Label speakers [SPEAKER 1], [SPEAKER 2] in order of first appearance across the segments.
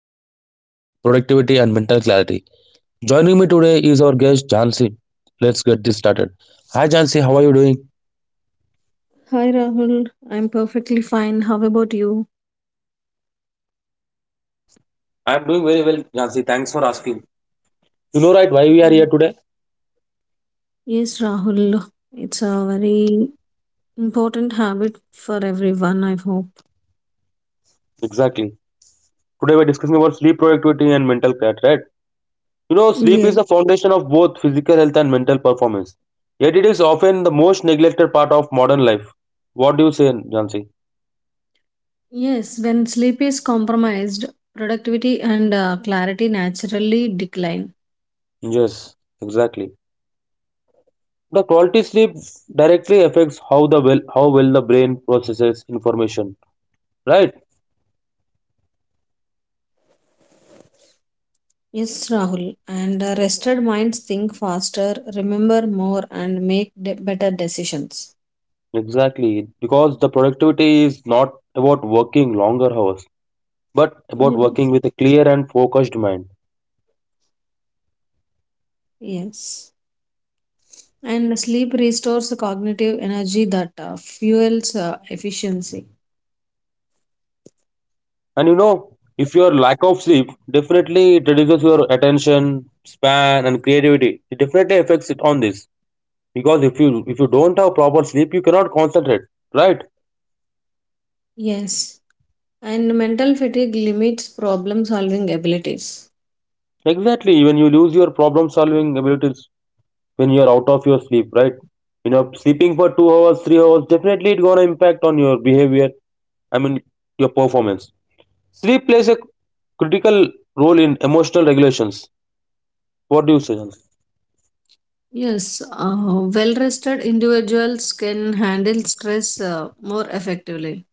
[SPEAKER 1] sleep, productivity, and mental clarity. Joining me today is our guest Jansi. Let's get this started. Hi Jansi, how are you doing?
[SPEAKER 2] Hi Rahul, I'm perfectly fine. How about you?
[SPEAKER 1] I'm doing very well, Jansi. Thanks for asking. You know, right, why we are
[SPEAKER 2] Mm.
[SPEAKER 1] here today?
[SPEAKER 2] Yes, Rahul, it's a very important habit for everyone, I hope.
[SPEAKER 1] Exactly. Today we're discussing about sleep productivity and mental clarity, right? You know, sleep
[SPEAKER 2] Yes.
[SPEAKER 1] is the foundation of both physical health and mental performance. Yet it is often the most neglected part of modern life. What do you say, Jansi?
[SPEAKER 2] Yes, when sleep is compromised, productivity and clarity naturally decline.
[SPEAKER 1] Yes, exactly. The quality sleep directly affects how well the brain processes information. Right?
[SPEAKER 2] Yes, Rahul, and rested minds think faster, remember more, and make better decisions.
[SPEAKER 1] Exactly. Because the productivity is not about working longer hours, but about working
[SPEAKER 2] Yes.
[SPEAKER 1] with a clear and focused mind.
[SPEAKER 2] Yes. And sleep restores cognitive energy that fuels efficiency.
[SPEAKER 1] And you know, if your lack of sleep definitely it reduces your attention span and creativity. It definitely affects it on this. Because if you don't have proper sleep, you cannot concentrate. Right?
[SPEAKER 2] Yes. And mental fatigue limits problem solving abilities.
[SPEAKER 1] Exactly. Even you lose your problem solving abilities when you're out of your sleep, right? You know, sleeping for 2 hours 3 hours definitely it's gonna impact on your behavior, I mean your performance. Sleep plays a critical role in emotional regulations. What do you say, Jan?
[SPEAKER 2] Yes, well rested individuals can handle stress more effectively.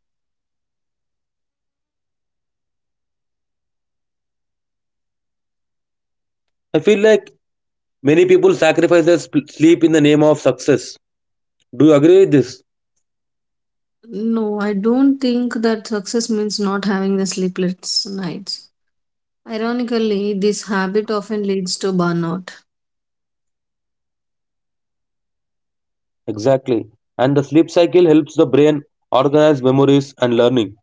[SPEAKER 1] I feel like many people sacrifice their sleep in the name of success. Do you agree with this?
[SPEAKER 2] No, I don't think that success means not having the sleepless nights. Ironically, this habit often leads to burnout.
[SPEAKER 1] Exactly. And the sleep cycle helps the brain organize memories and learning,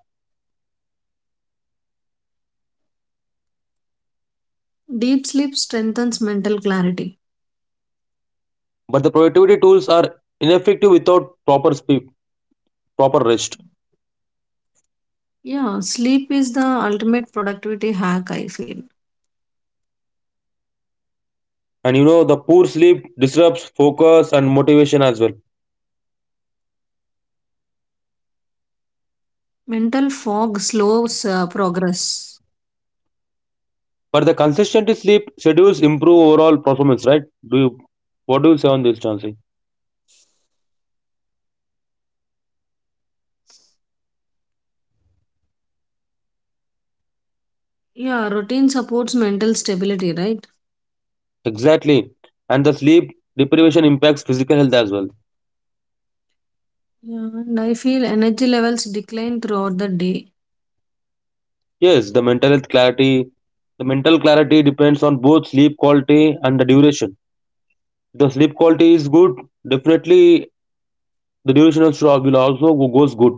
[SPEAKER 2] Deep sleep strengthens mental clarity.
[SPEAKER 1] but the productivity tools are ineffective without proper sleep, proper rest.
[SPEAKER 2] Yeah, sleep is the ultimate productivity hack, I feel.
[SPEAKER 1] And you know, the poor sleep disrupts focus and motivation as well.
[SPEAKER 2] Mental fog slows progress.
[SPEAKER 1] But the consistent sleep schedules improve overall performance, right? Do you, what do you say on this, Chansey?
[SPEAKER 2] Yeah, routine supports mental stability, right?
[SPEAKER 1] Exactly. And the sleep deprivation impacts physical health as well.
[SPEAKER 2] Yeah, and I feel energy levels decline throughout the day.
[SPEAKER 1] Yes, the mental health clarity, the mental clarity depends on both sleep quality and the duration. If the sleep quality is good, definitely the duration of shock will also goes good.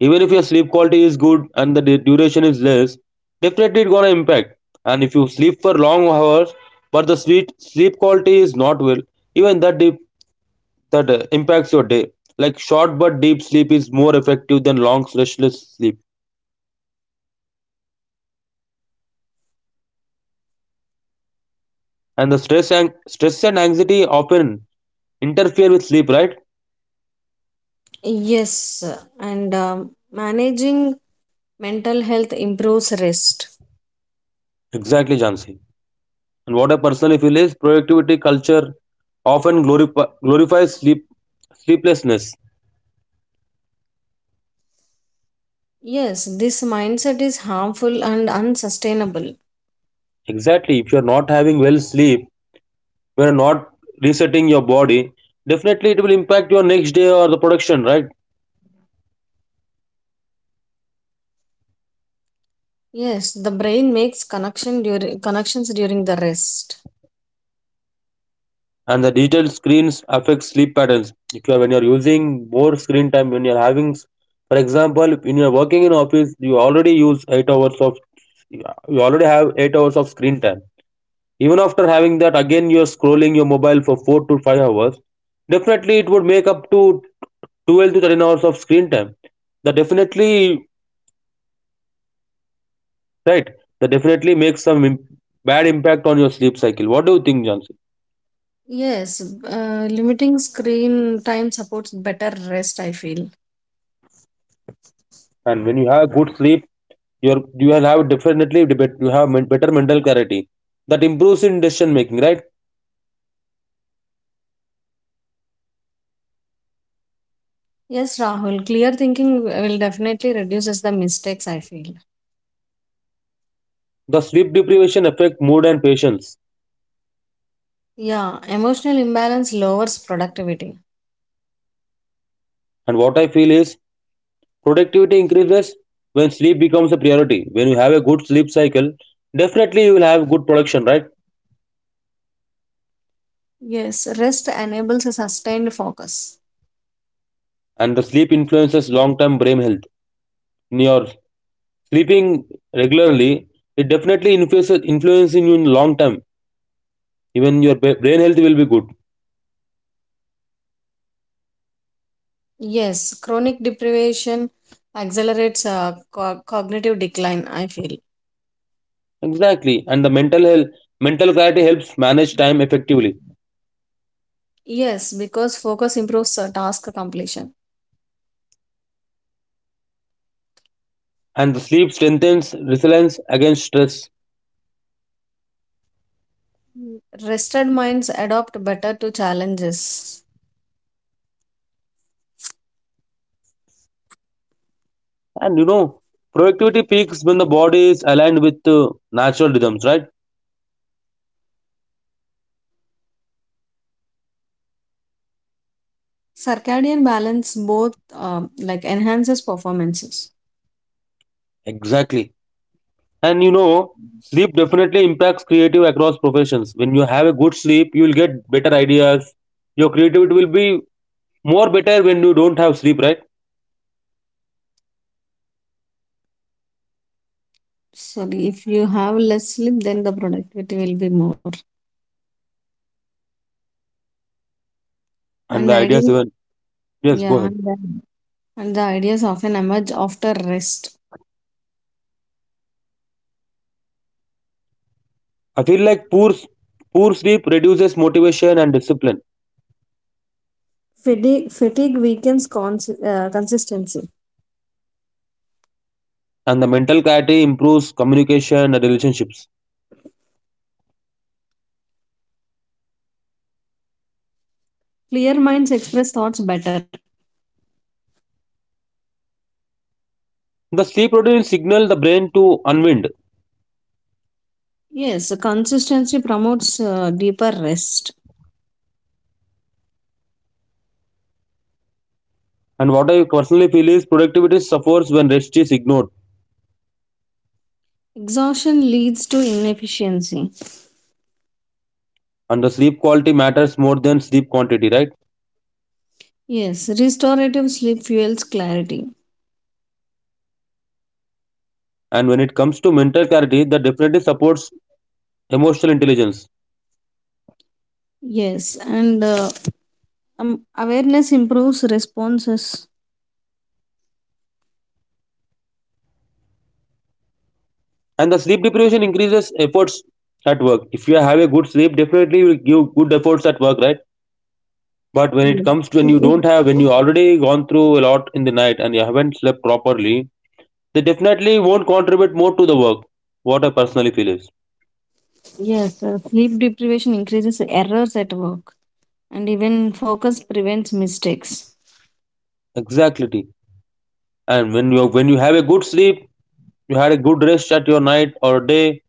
[SPEAKER 1] Even if your sleep quality is good and the duration is less, definitely it gonna impact. And if you sleep for long hours, but the sleep quality is not well, even that deep that impacts your day. Like short but deep sleep is more effective than long stressless sleep. And the stress and anxiety often interfere with sleep, right?
[SPEAKER 2] Yes, and managing mental health improves rest.
[SPEAKER 1] Exactly, Jansi. And what I personally feel is productivity culture often glorifies sleeplessness.
[SPEAKER 2] Yes, this mindset is harmful and unsustainable.
[SPEAKER 1] Exactly. If you're not having well sleep, you're not resetting your body, definitely it will impact your next day or the production, right?
[SPEAKER 2] Yes, the brain makes connections during the rest.
[SPEAKER 1] And the digital screens affect sleep patterns. If you are when you're using more screen time, when you're having, for example, when you're working in office, you already have 8 hours of screen time. Even after having that, again you're scrolling your mobile for 4 to 5 hours. Definitely, it would make up to 12 to 13 hours of screen time. that definitely right that definitely makes some bad impact on your sleep cycle. What do you think, Johnson?
[SPEAKER 2] Yes, limiting screen time supports better rest, I feel.
[SPEAKER 1] And when you have good sleep, you will have definitely the better mental clarity that improves in decision making, right?
[SPEAKER 2] Yes, Rahul, clear thinking will definitely reduces the mistakes, I feel.
[SPEAKER 1] The sleep deprivation affect mood and patience.
[SPEAKER 2] Yeah, emotional imbalance lowers productivity.
[SPEAKER 1] And what I feel is productivity increases when sleep becomes a priority. When you have a good sleep cycle, definitely you will have good production, right?
[SPEAKER 2] Yes, rest enables a sustained focus.
[SPEAKER 1] And the sleep influences long term brain health. When you're sleeping regularly, it definitely influences influencing you in long term. Even your brain health will be good.
[SPEAKER 2] Yes, chronic deprivation accelerates cognitive decline, I feel.
[SPEAKER 1] Exactly. And the mental clarity helps manage time effectively.
[SPEAKER 2] Yes, because focus improves task completion.
[SPEAKER 1] And the sleep strengthens resilience against stress.
[SPEAKER 2] Mm. Rested minds adapt better to challenges.
[SPEAKER 1] And you know, productivity peaks when the body is aligned with natural rhythms, right?
[SPEAKER 2] Circadian balance both like enhances performances.
[SPEAKER 1] Exactly. And you know, sleep definitely impacts creative across professions. When you have a good sleep, you will get better ideas. Your creativity will be more better when you don't have sleep, right?
[SPEAKER 2] Sorry, if you have less sleep, then the productivity will be more.
[SPEAKER 1] And
[SPEAKER 2] And
[SPEAKER 1] the ideas
[SPEAKER 2] ideas,
[SPEAKER 1] even, yes, go
[SPEAKER 2] yeah,
[SPEAKER 1] ahead.
[SPEAKER 2] and the ideas often emerge after rest.
[SPEAKER 1] I feel like poor sleep reduces motivation and discipline,
[SPEAKER 2] Fatigue weakens consistency.
[SPEAKER 1] and the mental clarity improves communication and relationships.
[SPEAKER 2] Clear minds express thoughts better.
[SPEAKER 1] The sleep routine signals the brain to unwind,
[SPEAKER 2] Yes, consistency promotes deeper rest.
[SPEAKER 1] and what I personally feel is productivity suffers when rest is ignored,
[SPEAKER 2] Exhaustion leads to inefficiency.
[SPEAKER 1] and the sleep quality matters more than sleep quantity, right?
[SPEAKER 2] Yes, restorative sleep fuels clarity.
[SPEAKER 1] And when it comes to mental clarity, that definitely supports emotional intelligence,
[SPEAKER 2] Yes, and awareness improves responses.
[SPEAKER 1] and the sleep deprivation increases efforts at work. If you have a good sleep, definitely you will give good efforts at work, right? But when it
[SPEAKER 2] Yes.
[SPEAKER 1] comes to when you don't have, when you already gone through a lot in the night and you haven't slept properly, they definitely won't contribute more to the work. What I personally feel is
[SPEAKER 2] Yes, sleep deprivation increases errors at work, and even focus prevents mistakes.
[SPEAKER 1] exactly. And when you have a good sleep, you had a good rest at your night or day,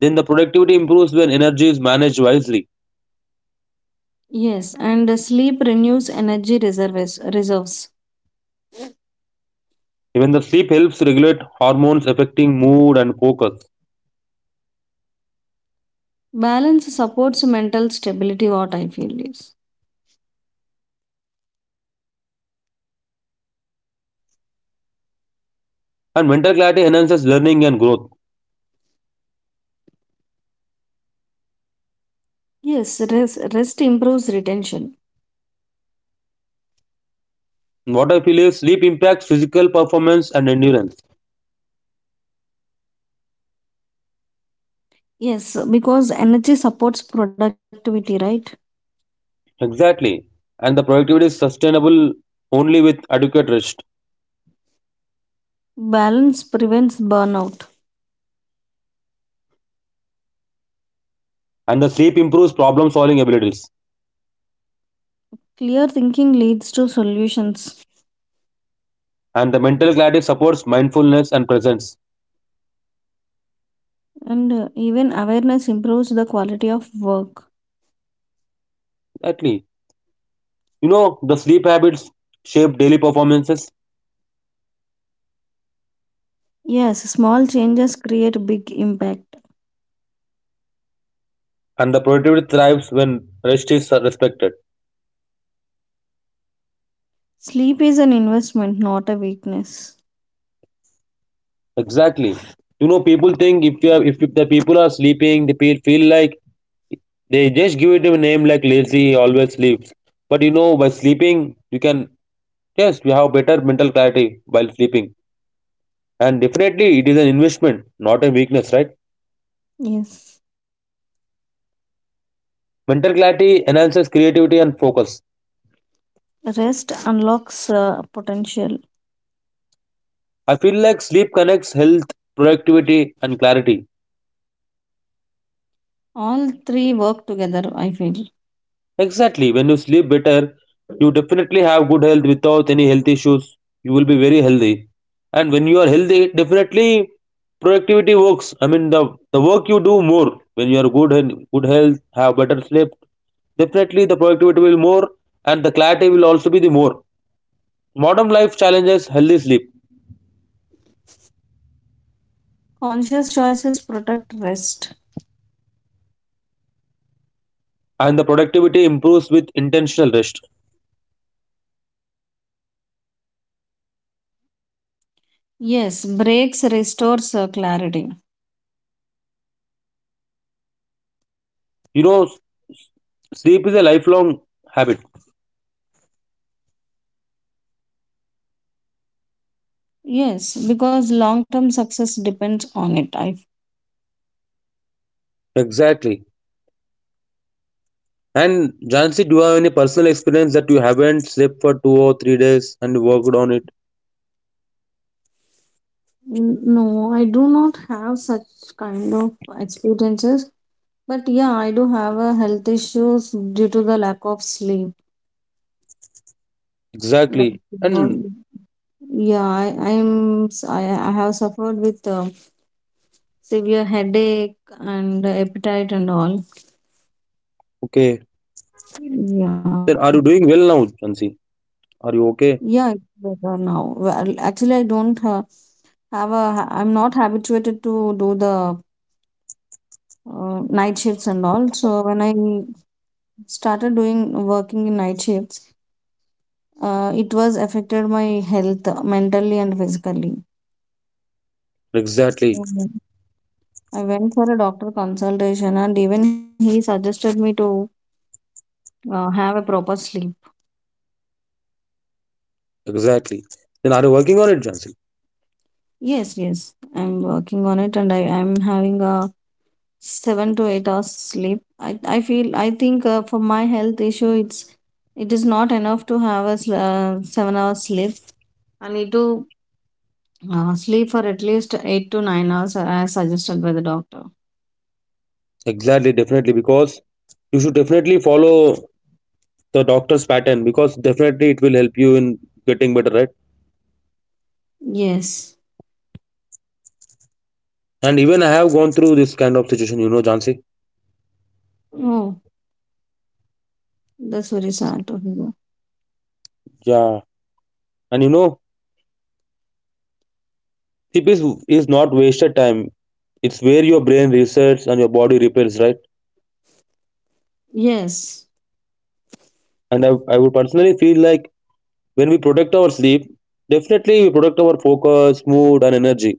[SPEAKER 1] then the productivity improves when energy is managed wisely.
[SPEAKER 2] Yes, and sleep renews energy reserves.
[SPEAKER 1] Even the sleep helps regulate hormones affecting mood and focus.
[SPEAKER 2] Balance supports mental stability, what I feel is.
[SPEAKER 1] And mental clarity enhances learning and growth.
[SPEAKER 2] Yes, rest improves retention.
[SPEAKER 1] What I feel is sleep impacts physical performance and endurance.
[SPEAKER 2] Yes, because energy supports productivity, right?
[SPEAKER 1] Exactly. And the productivity is sustainable only with adequate rest.
[SPEAKER 2] Balance prevents burnout.
[SPEAKER 1] And the sleep improves problem solving abilities.
[SPEAKER 2] Clear thinking leads to solutions.
[SPEAKER 1] And the mental clarity supports mindfulness and presence.
[SPEAKER 2] And even awareness improves the quality of work.
[SPEAKER 1] Exactly. You know, the sleep habits shape daily performances,
[SPEAKER 2] Yes, small changes create big impact.
[SPEAKER 1] and the productivity thrives when rest is respected.
[SPEAKER 2] Sleep is an investment, not a weakness.
[SPEAKER 1] Exactly. You know, people think if you have, if the people are sleeping, feel like they just give it a name like lazy, always sleeps. But you know, by sleeping, you can, yes, you have better mental clarity while sleeping. And definitely, it is an investment, not a weakness, right?
[SPEAKER 2] Yes,
[SPEAKER 1] Mental clarity enhances creativity and focus.
[SPEAKER 2] rest unlocks potential.
[SPEAKER 1] I feel like sleep connects health, productivity, and clarity.
[SPEAKER 2] All three work together, I feel.
[SPEAKER 1] Exactly, when you sleep better, you definitely have good health without any health issues. You will be very healthy. And when you are healthy, definitely productivity works. I mean, the work you do more when you are good and good health, have better sleep, definitely the productivity will more and the clarity will also be the more. Modern life challenges healthy sleep,
[SPEAKER 2] Conscious choices protect rest.
[SPEAKER 1] and the productivity improves with intentional rest.
[SPEAKER 2] Yes, breaks restores clarity.
[SPEAKER 1] You know, s- Sleep is a lifelong habit.
[SPEAKER 2] Yes, because long term success depends on it.
[SPEAKER 1] Exactly. And Jansi, do you have any personal experience that you haven't slept for 2 or 3 days and worked on it?
[SPEAKER 2] No, I do not have such kind of experiences, but yeah, I do have a health issues due to the lack of sleep. Like,
[SPEAKER 1] Exactly.
[SPEAKER 2] you know,
[SPEAKER 1] And
[SPEAKER 2] yeah, I I'm s- I have suffered with severe headache and appetite and all.
[SPEAKER 1] okay.
[SPEAKER 2] Yeah.
[SPEAKER 1] Then are you doing well now, Jansi? Are you
[SPEAKER 2] Yeah, it's
[SPEAKER 1] okay?
[SPEAKER 2] better now. Well, actually, I don't I'm not habituated to do the night shifts and all. So when I started doing working in night shifts, it was affected my health mentally and physically.
[SPEAKER 1] Exactly.
[SPEAKER 2] Mhm. I went for a doctor consultation, and even he suggested me to have a proper sleep.
[SPEAKER 1] Exactly. Then are you working on it, Jansi?
[SPEAKER 2] Yes, I'm working on it, and I am having a 7 to 8 hours sleep. I feel I think for my health issue it is not enough to have a 7 hours sleep. I need to sleep for at least 8 to 9 hours as suggested by the doctor.
[SPEAKER 1] Exactly, definitely. Because you should definitely follow the doctor's pattern because definitely it will help you in getting better, right?
[SPEAKER 2] Yes.
[SPEAKER 1] And even I have gone through this kind of situation, you know, Jansi.
[SPEAKER 2] Oh, that's very sad to hear.
[SPEAKER 1] Yeah. And you know, sleep is, is not wasted time. It's where your brain resets and your body repairs, right?
[SPEAKER 2] yes
[SPEAKER 1] And I would personally feel like when we protect our sleep, definitely we protect our focus, mood, and energy.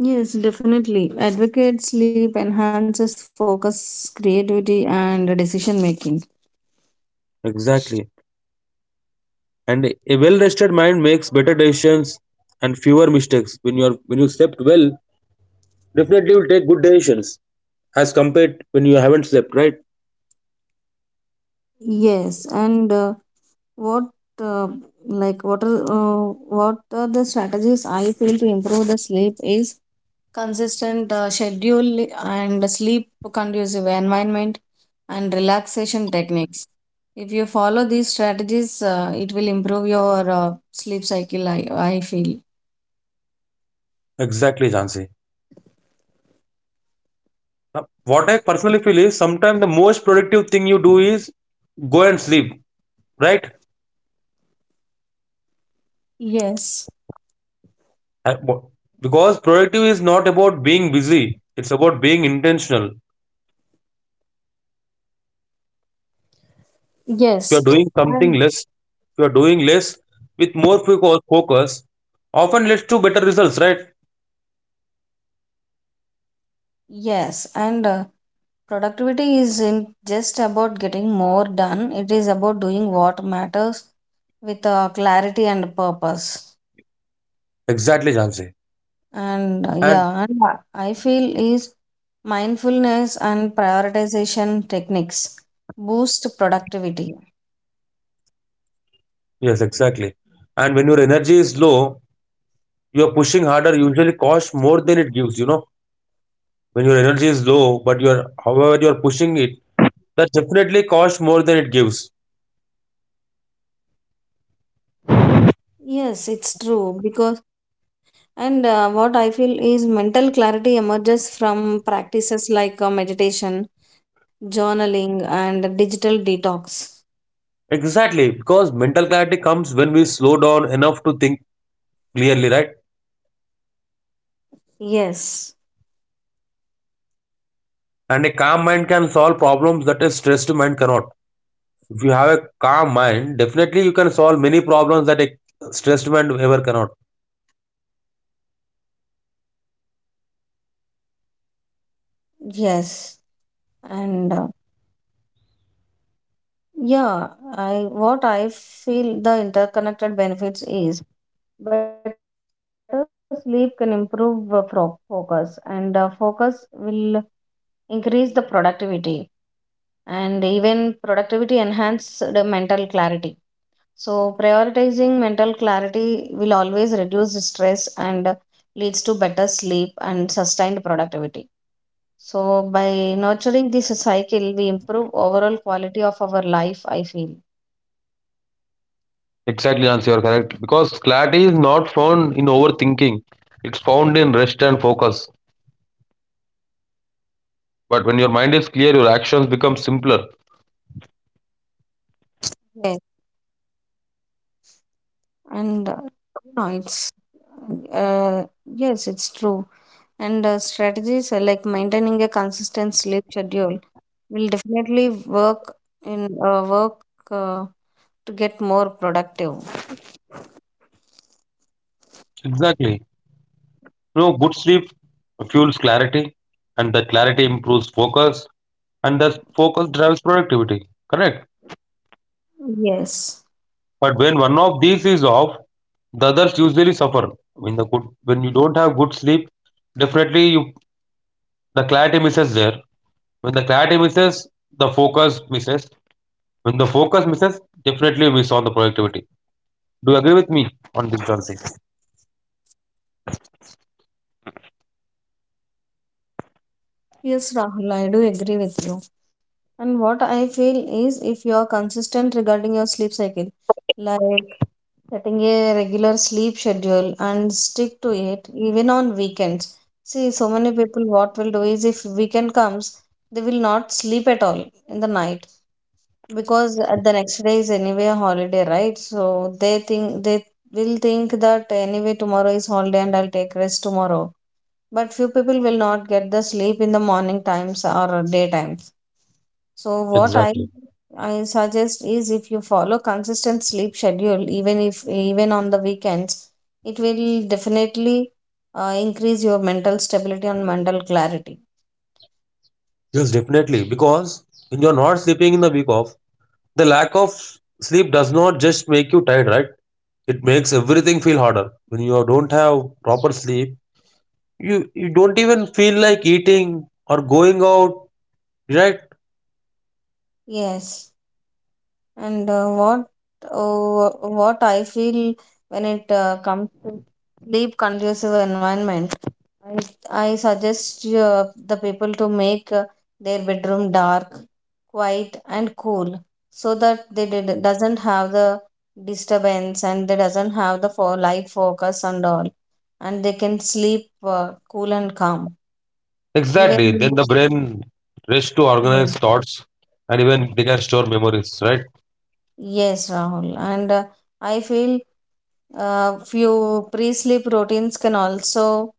[SPEAKER 2] yes Definitely advocate sleep enhances focus, creativity and decision making.
[SPEAKER 1] Exactly. And a well rested mind makes better decisions and fewer mistakes. When you slept well, definitely you'll take good decisions as compared when you haven't slept, right?
[SPEAKER 2] Yes, and what uh, what are the strategies I feel to improve the sleep is consistent schedule and sleep conducive environment and relaxation techniques. If you follow these strategies, it will improve your sleep cycle, I feel.
[SPEAKER 1] Exactly, Jansi. Now, what I personally feel is sometimes the most productive thing you do is go and sleep, right?
[SPEAKER 2] Yes.
[SPEAKER 1] Uh, wh- Because productive is not about being busy, it's about being intentional. If you
[SPEAKER 2] Yes.
[SPEAKER 1] are doing
[SPEAKER 2] And
[SPEAKER 1] something less, if you are doing less with more focus often leads to better results, right?
[SPEAKER 2] yes, and productivity is in just about getting more done. It is about doing what matters with clarity and purpose.
[SPEAKER 1] Exactly, Jansi.
[SPEAKER 2] And
[SPEAKER 1] And
[SPEAKER 2] yeah, and I feel is mindfulness and prioritization techniques boost productivity.
[SPEAKER 1] yes, exactly. And when your energy is low, your pushing harder usually costs more than it gives, you know. When your energy is low, but you're however you're pushing it, that definitely costs more than it gives.
[SPEAKER 2] Yes, it's true because and what I feel is mental clarity emerges from practices like meditation, journaling, and digital detox.
[SPEAKER 1] Exactly, because mental clarity comes when we slow down enough to think clearly, right?
[SPEAKER 2] Yes,
[SPEAKER 1] And a calm mind can solve problems that a stressed mind cannot. If you have a calm mind, definitely you can solve many problems that a stressed mind ever cannot.
[SPEAKER 2] yes, and yeah, I what I feel the interconnected benefits is better sleep can improve focus, and focus will increase the productivity and even productivity enhance the mental clarity. So, prioritizing mental clarity will always reduce stress and leads to better sleep and sustained productivity. So, by nurturing this cycle, we improve overall quality of our life, I feel.
[SPEAKER 1] Exactly, Jhansi, you're correct. Because clarity is not found in overthinking, it's found in rest and focus. But when your mind is clear, your actions become simpler.
[SPEAKER 2] Yes. And no, it's yes, it's true and strategies like maintaining a consistent sleep schedule will definitely work in work uh, to get more productive.
[SPEAKER 1] Exactly. You know, good sleep fuels clarity, and that clarity improves focus, and that focus drives productivity. Correct.
[SPEAKER 2] yes
[SPEAKER 1] But when one of these is off, the others usually suffer. When the good, when you don't have good sleep, definitely you the clarity misses there. When the clarity misses, the focus misses. When the focus misses, definitely you miss on the productivity. Do you agree with me on this, Francis?
[SPEAKER 2] yes Rahul, I do agree with you. And what I feel is if you are consistent regarding your sleep cycle, like setting a regular sleep schedule and stick to it even on weekends. See, so many people what will do is if weekend comes, they will not sleep at all in the night, because at the next day is anyway a holiday, right? So they think they will think that anyway tomorrow is holiday and I'll take rest tomorrow. But few people will not get the sleep in the morning times or daytimes. So what i
[SPEAKER 1] Exactly.
[SPEAKER 2] i suggest is if you follow consistent sleep schedule even if even on the weekends, it will definitely increase your mental stability and mental clarity.
[SPEAKER 1] Yes, definitely. Because when you are not sleeping in the week off, the lack of sleep does not just make you tired, right? It makes everything feel harder. When you don't have proper sleep, you don't even feel like eating or going out, right?
[SPEAKER 2] Yes, and uh, what I feel when it comes to sleep conducive environment, I suggest the people to make their bedroom dark, quiet, and cool, so that doesn't have the disturbance and they doesn't have the for light focus and all, and they can sleep cool and calm.
[SPEAKER 1] Exactly. Then
[SPEAKER 2] Even
[SPEAKER 1] the brain rushes to organize thoughts and even they can store memories, right?
[SPEAKER 2] yes, Rahul, and I feel few pre-sleep routines can also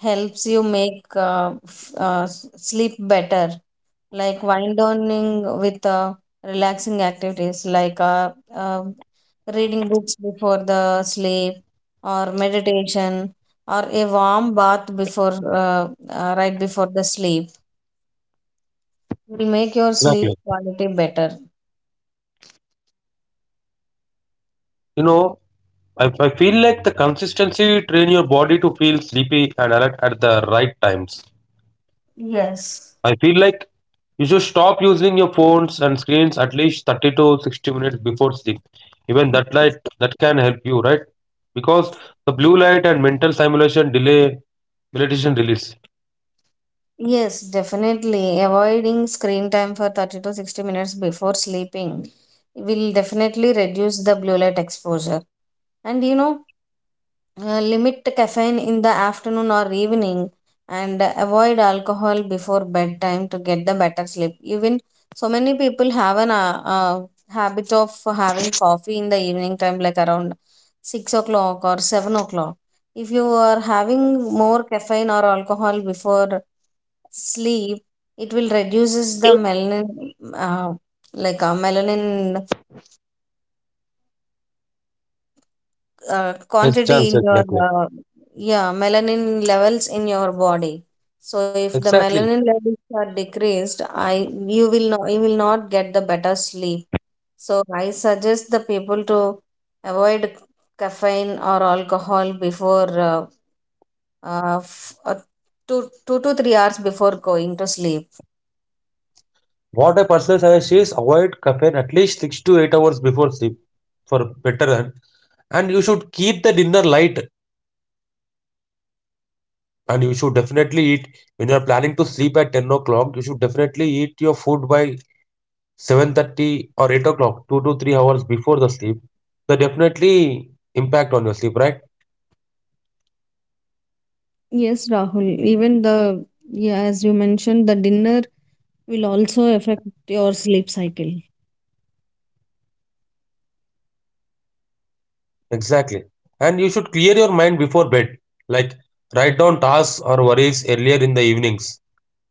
[SPEAKER 2] helps you make sleep better, like wind downing with relaxing activities like uh, reading books before the sleep or meditation or a warm bath before right before the sleep will make your
[SPEAKER 1] Exactly.
[SPEAKER 2] sleep quality better.
[SPEAKER 1] You know, I feel like the consistency train your body to feel sleepy and alert at the right times.
[SPEAKER 2] Yes.
[SPEAKER 1] I feel like you should stop using your phones and screens at least 30 to 60 minutes before sleep. Even that light that can help you, right? Because the blue light and mental stimulation delay melatonin release.
[SPEAKER 2] Yes, definitely. Avoiding screen time for 30 to 60 minutes before sleeping will definitely reduce the blue light exposure. And you know, limit caffeine in the afternoon or evening and avoid alcohol before bedtime to get the better sleep. Even so many people have an habit of having coffee in the evening time like around 6 o'clock or 7 o'clock. If you are having more caffeine or alcohol before sleep, it will reduces the melanin uh, melanin
[SPEAKER 1] Yes,
[SPEAKER 2] quantity
[SPEAKER 1] chance
[SPEAKER 2] in your
[SPEAKER 1] exactly.
[SPEAKER 2] yeah melanin levels in your body. So if the
[SPEAKER 1] Exactly.
[SPEAKER 2] melanin levels are decreased, I you will not get the better sleep. So I suggest the people to avoid caffeine or alcohol before uh, f- uh, two, 2 to 3 hours before going to sleep.
[SPEAKER 1] What I personally suggest is avoid caffeine at least 6 to 8 hours before sleep for better run. And you should keep the dinner light. And you should definitely eat when you are planning to sleep at 10 o'clock. You should definitely eat your food by 7:30 or 8 o'clock, 2 to 3 hours before the sleep, they definitely impact on your sleep, right?
[SPEAKER 2] Yes, Rahul. Even the, yeah, as you mentioned, the dinner will also affect your sleep cycle.
[SPEAKER 1] Exactly. And you should clear your mind before bed. Like write down tasks or worries earlier in the evenings.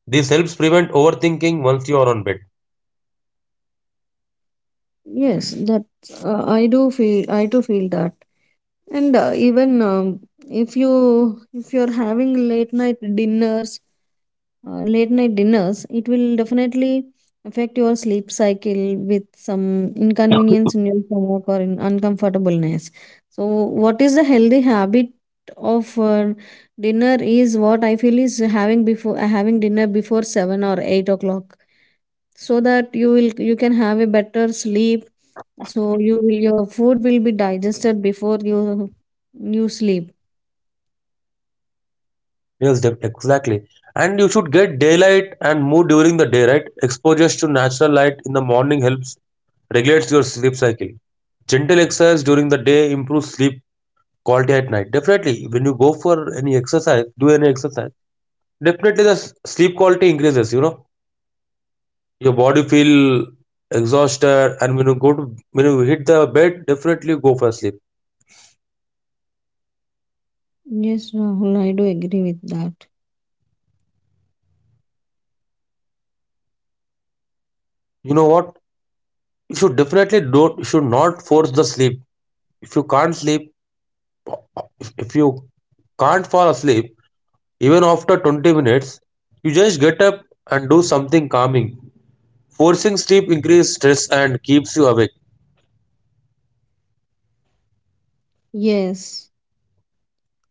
[SPEAKER 1] This helps prevent overthinking once you are on bed.
[SPEAKER 2] Yes, that I do feel. I do feel that, and even if you if you're having late night dinners, it will definitely affect your sleep cycle with some inconvenience in your stomach or in uncomfortableness. So, what is the healthy habit of dinner is what I feel is having before having dinner before 7 or 8 o'clock, so that you can have a better sleep, so your food will be digested before you sleep.
[SPEAKER 1] Yes, exactly. And you should get daylight and mood during the day, right? Exposures to natural light in the morning helps regulates your sleep cycle. Gentle exercise during the day improves sleep quality at night. Definitely, when you go for any exercise, do any exercise, definitely the sleep quality increases, you know. Your body feel exhausted and when you go to when you hit the bed, definitely go for sleep.
[SPEAKER 2] Yes, Rahul, I do agree with that.
[SPEAKER 1] You know what? You should not force the sleep. If you can't sleep, if you can't fall asleep, even after 20 minutes, you just get up and do something calming. Forcing sleep increases stress and keeps you awake.
[SPEAKER 2] Yes,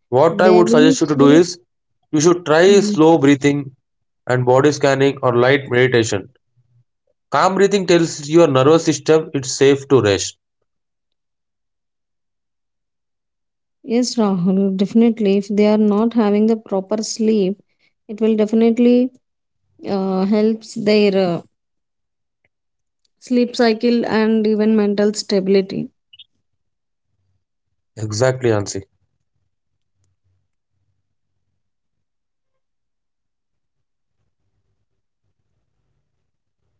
[SPEAKER 1] What I
[SPEAKER 2] they
[SPEAKER 1] would
[SPEAKER 2] will
[SPEAKER 1] suggest you to do
[SPEAKER 2] sleep.
[SPEAKER 1] is you should try
[SPEAKER 2] Mm.
[SPEAKER 1] slow breathing and body scanning or light meditation. Calm breathing tells your nervous system it's safe to rest.
[SPEAKER 2] Yes, Rahul, definitely. If they are not having the proper sleep, it will definitely helps their sleep cycle and even mental stability.
[SPEAKER 1] Exactly, Ansi.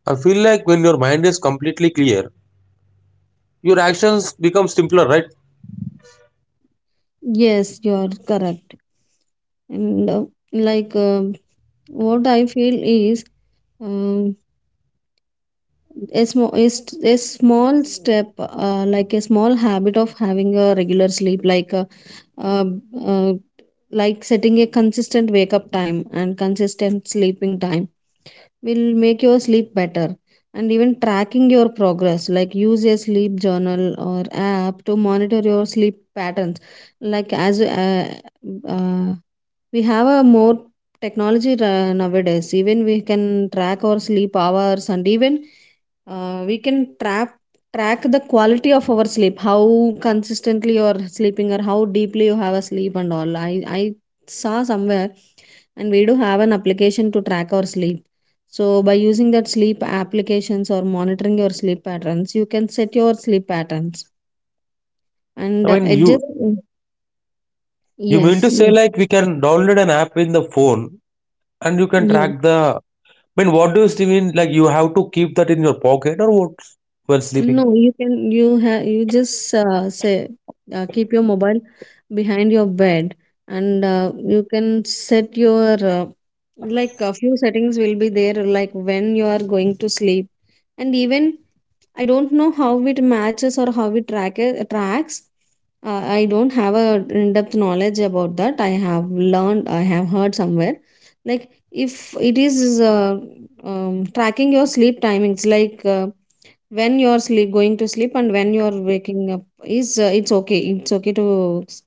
[SPEAKER 1] I feel like when your mind is completely clear, your actions become simpler, right?
[SPEAKER 2] Yes, you are correct. And like uh, what I feel is, um a a small step like a small habit of having a regular sleep uh, uh, like setting a consistent wake up time and consistent sleeping time will make your sleep better. And even tracking your progress, like use a sleep journal or app to monitor your sleep patterns, like as uh, we have a more nowadays. Even we can track our sleep hours and even we can trap track the quality of our sleep, how consistently you are sleeping or how deeply you have a sleep and all. I saw somewhere and we do have an application to track our sleep. So by using that sleep applications or monitoring your sleep patterns, you can set your sleep patterns
[SPEAKER 1] I
[SPEAKER 2] and
[SPEAKER 1] mean, you
[SPEAKER 2] adjust.
[SPEAKER 1] you mean to
[SPEAKER 2] Yes,
[SPEAKER 1] say
[SPEAKER 2] yes,
[SPEAKER 1] like we can download an app in the phone and you can
[SPEAKER 2] yes.
[SPEAKER 1] track the. I mean, what do you still mean? Like you have to keep that in your pocket or what? While sleeping.
[SPEAKER 2] No, you can you just say keep your mobile behind your bed and you can set your like a few settings will be there, like when you are going to sleep and even I don't know how it matches or how it tracks. Uh, I don't have a in-depth knowledge about that. I have learned, I have heard somewhere. Like if it is tracking your sleep timings, like when you're sleep going to sleep and when you're waking up is it's okay to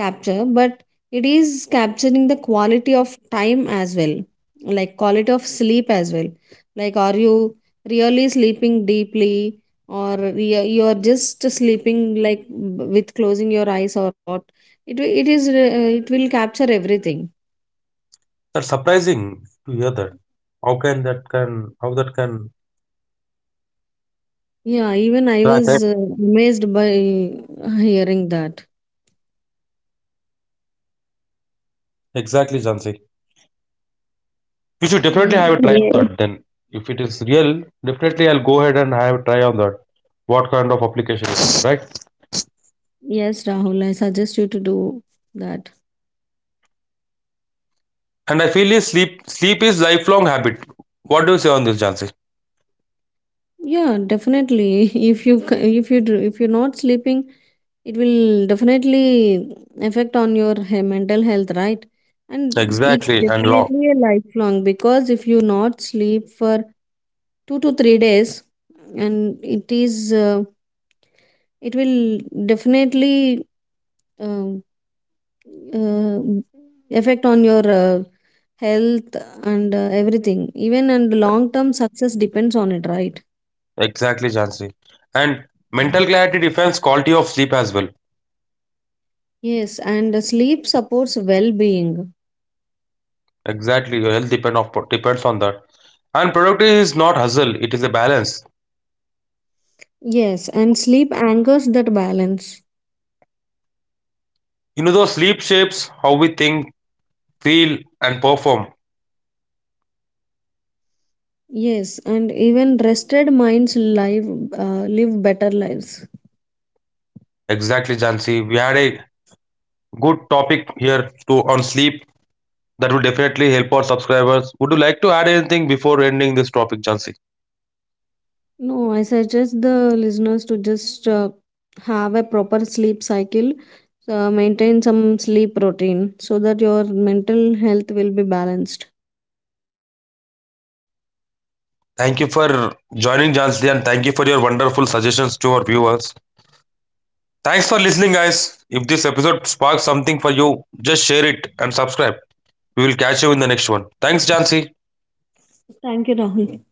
[SPEAKER 2] capture, but it is capturing the quality of time as well, like quality of sleep as well, like are you really sleeping deeply or you're just sleeping like with closing your eyes or what. It is it will capture everything.
[SPEAKER 1] That's surprising to hear that. How can that can how that can
[SPEAKER 2] Yeah, even I
[SPEAKER 1] Right,
[SPEAKER 2] was
[SPEAKER 1] right.
[SPEAKER 2] amazed by hearing that.
[SPEAKER 1] Exactly, Jansi. You should definitely
[SPEAKER 2] Yeah.
[SPEAKER 1] have a try, yeah, on, yes, that. Then, if it is real, definitely I'll go ahead and have a try on that. What kind of application it is, right?
[SPEAKER 2] Yes, Rahul, I suggest you to do that.
[SPEAKER 1] And I feel is sleep is lifelong habit. What do you say on this, Jansi?
[SPEAKER 2] Yeah, definitely. If you c- if you do- If you're not sleeping, it will definitely affect on your mental health, right? And it's
[SPEAKER 1] Exactly, and long.
[SPEAKER 2] definitely a lifelong, because if you not sleep for 2 to 3 days, and it is it will definitely um uh, affect on your health and everything. Even and long term success depends on it, right?
[SPEAKER 1] Exactly, Jansi. And mental clarity defines quality of sleep as well.
[SPEAKER 2] Yes, and sleep supports well being.
[SPEAKER 1] Exactly, your health depend of depends on that. And productivity is not hustle, it is a balance.
[SPEAKER 2] Yes, and sleep anchors that balance.
[SPEAKER 1] You know, though sleep shapes how we think, feel, and perform.
[SPEAKER 2] Yes, and even rested minds live better lives.
[SPEAKER 1] Exactly, Jansi. We had a good topic here to on sleep that will definitely help our subscribers. Would you like to add anything before ending this topic, Jansi?
[SPEAKER 2] No, I suggest the listeners to just have a proper sleep cycle, maintain some sleep routine so that your mental health will be balanced.
[SPEAKER 1] Thank you for joining, Jansi, and thank you for your wonderful suggestions to our viewers. Thanks for listening, guys. If this episode sparks something for you, just share it and subscribe. We will catch you in the next one. Thanks, Jansi.
[SPEAKER 2] Thank you, Rahul.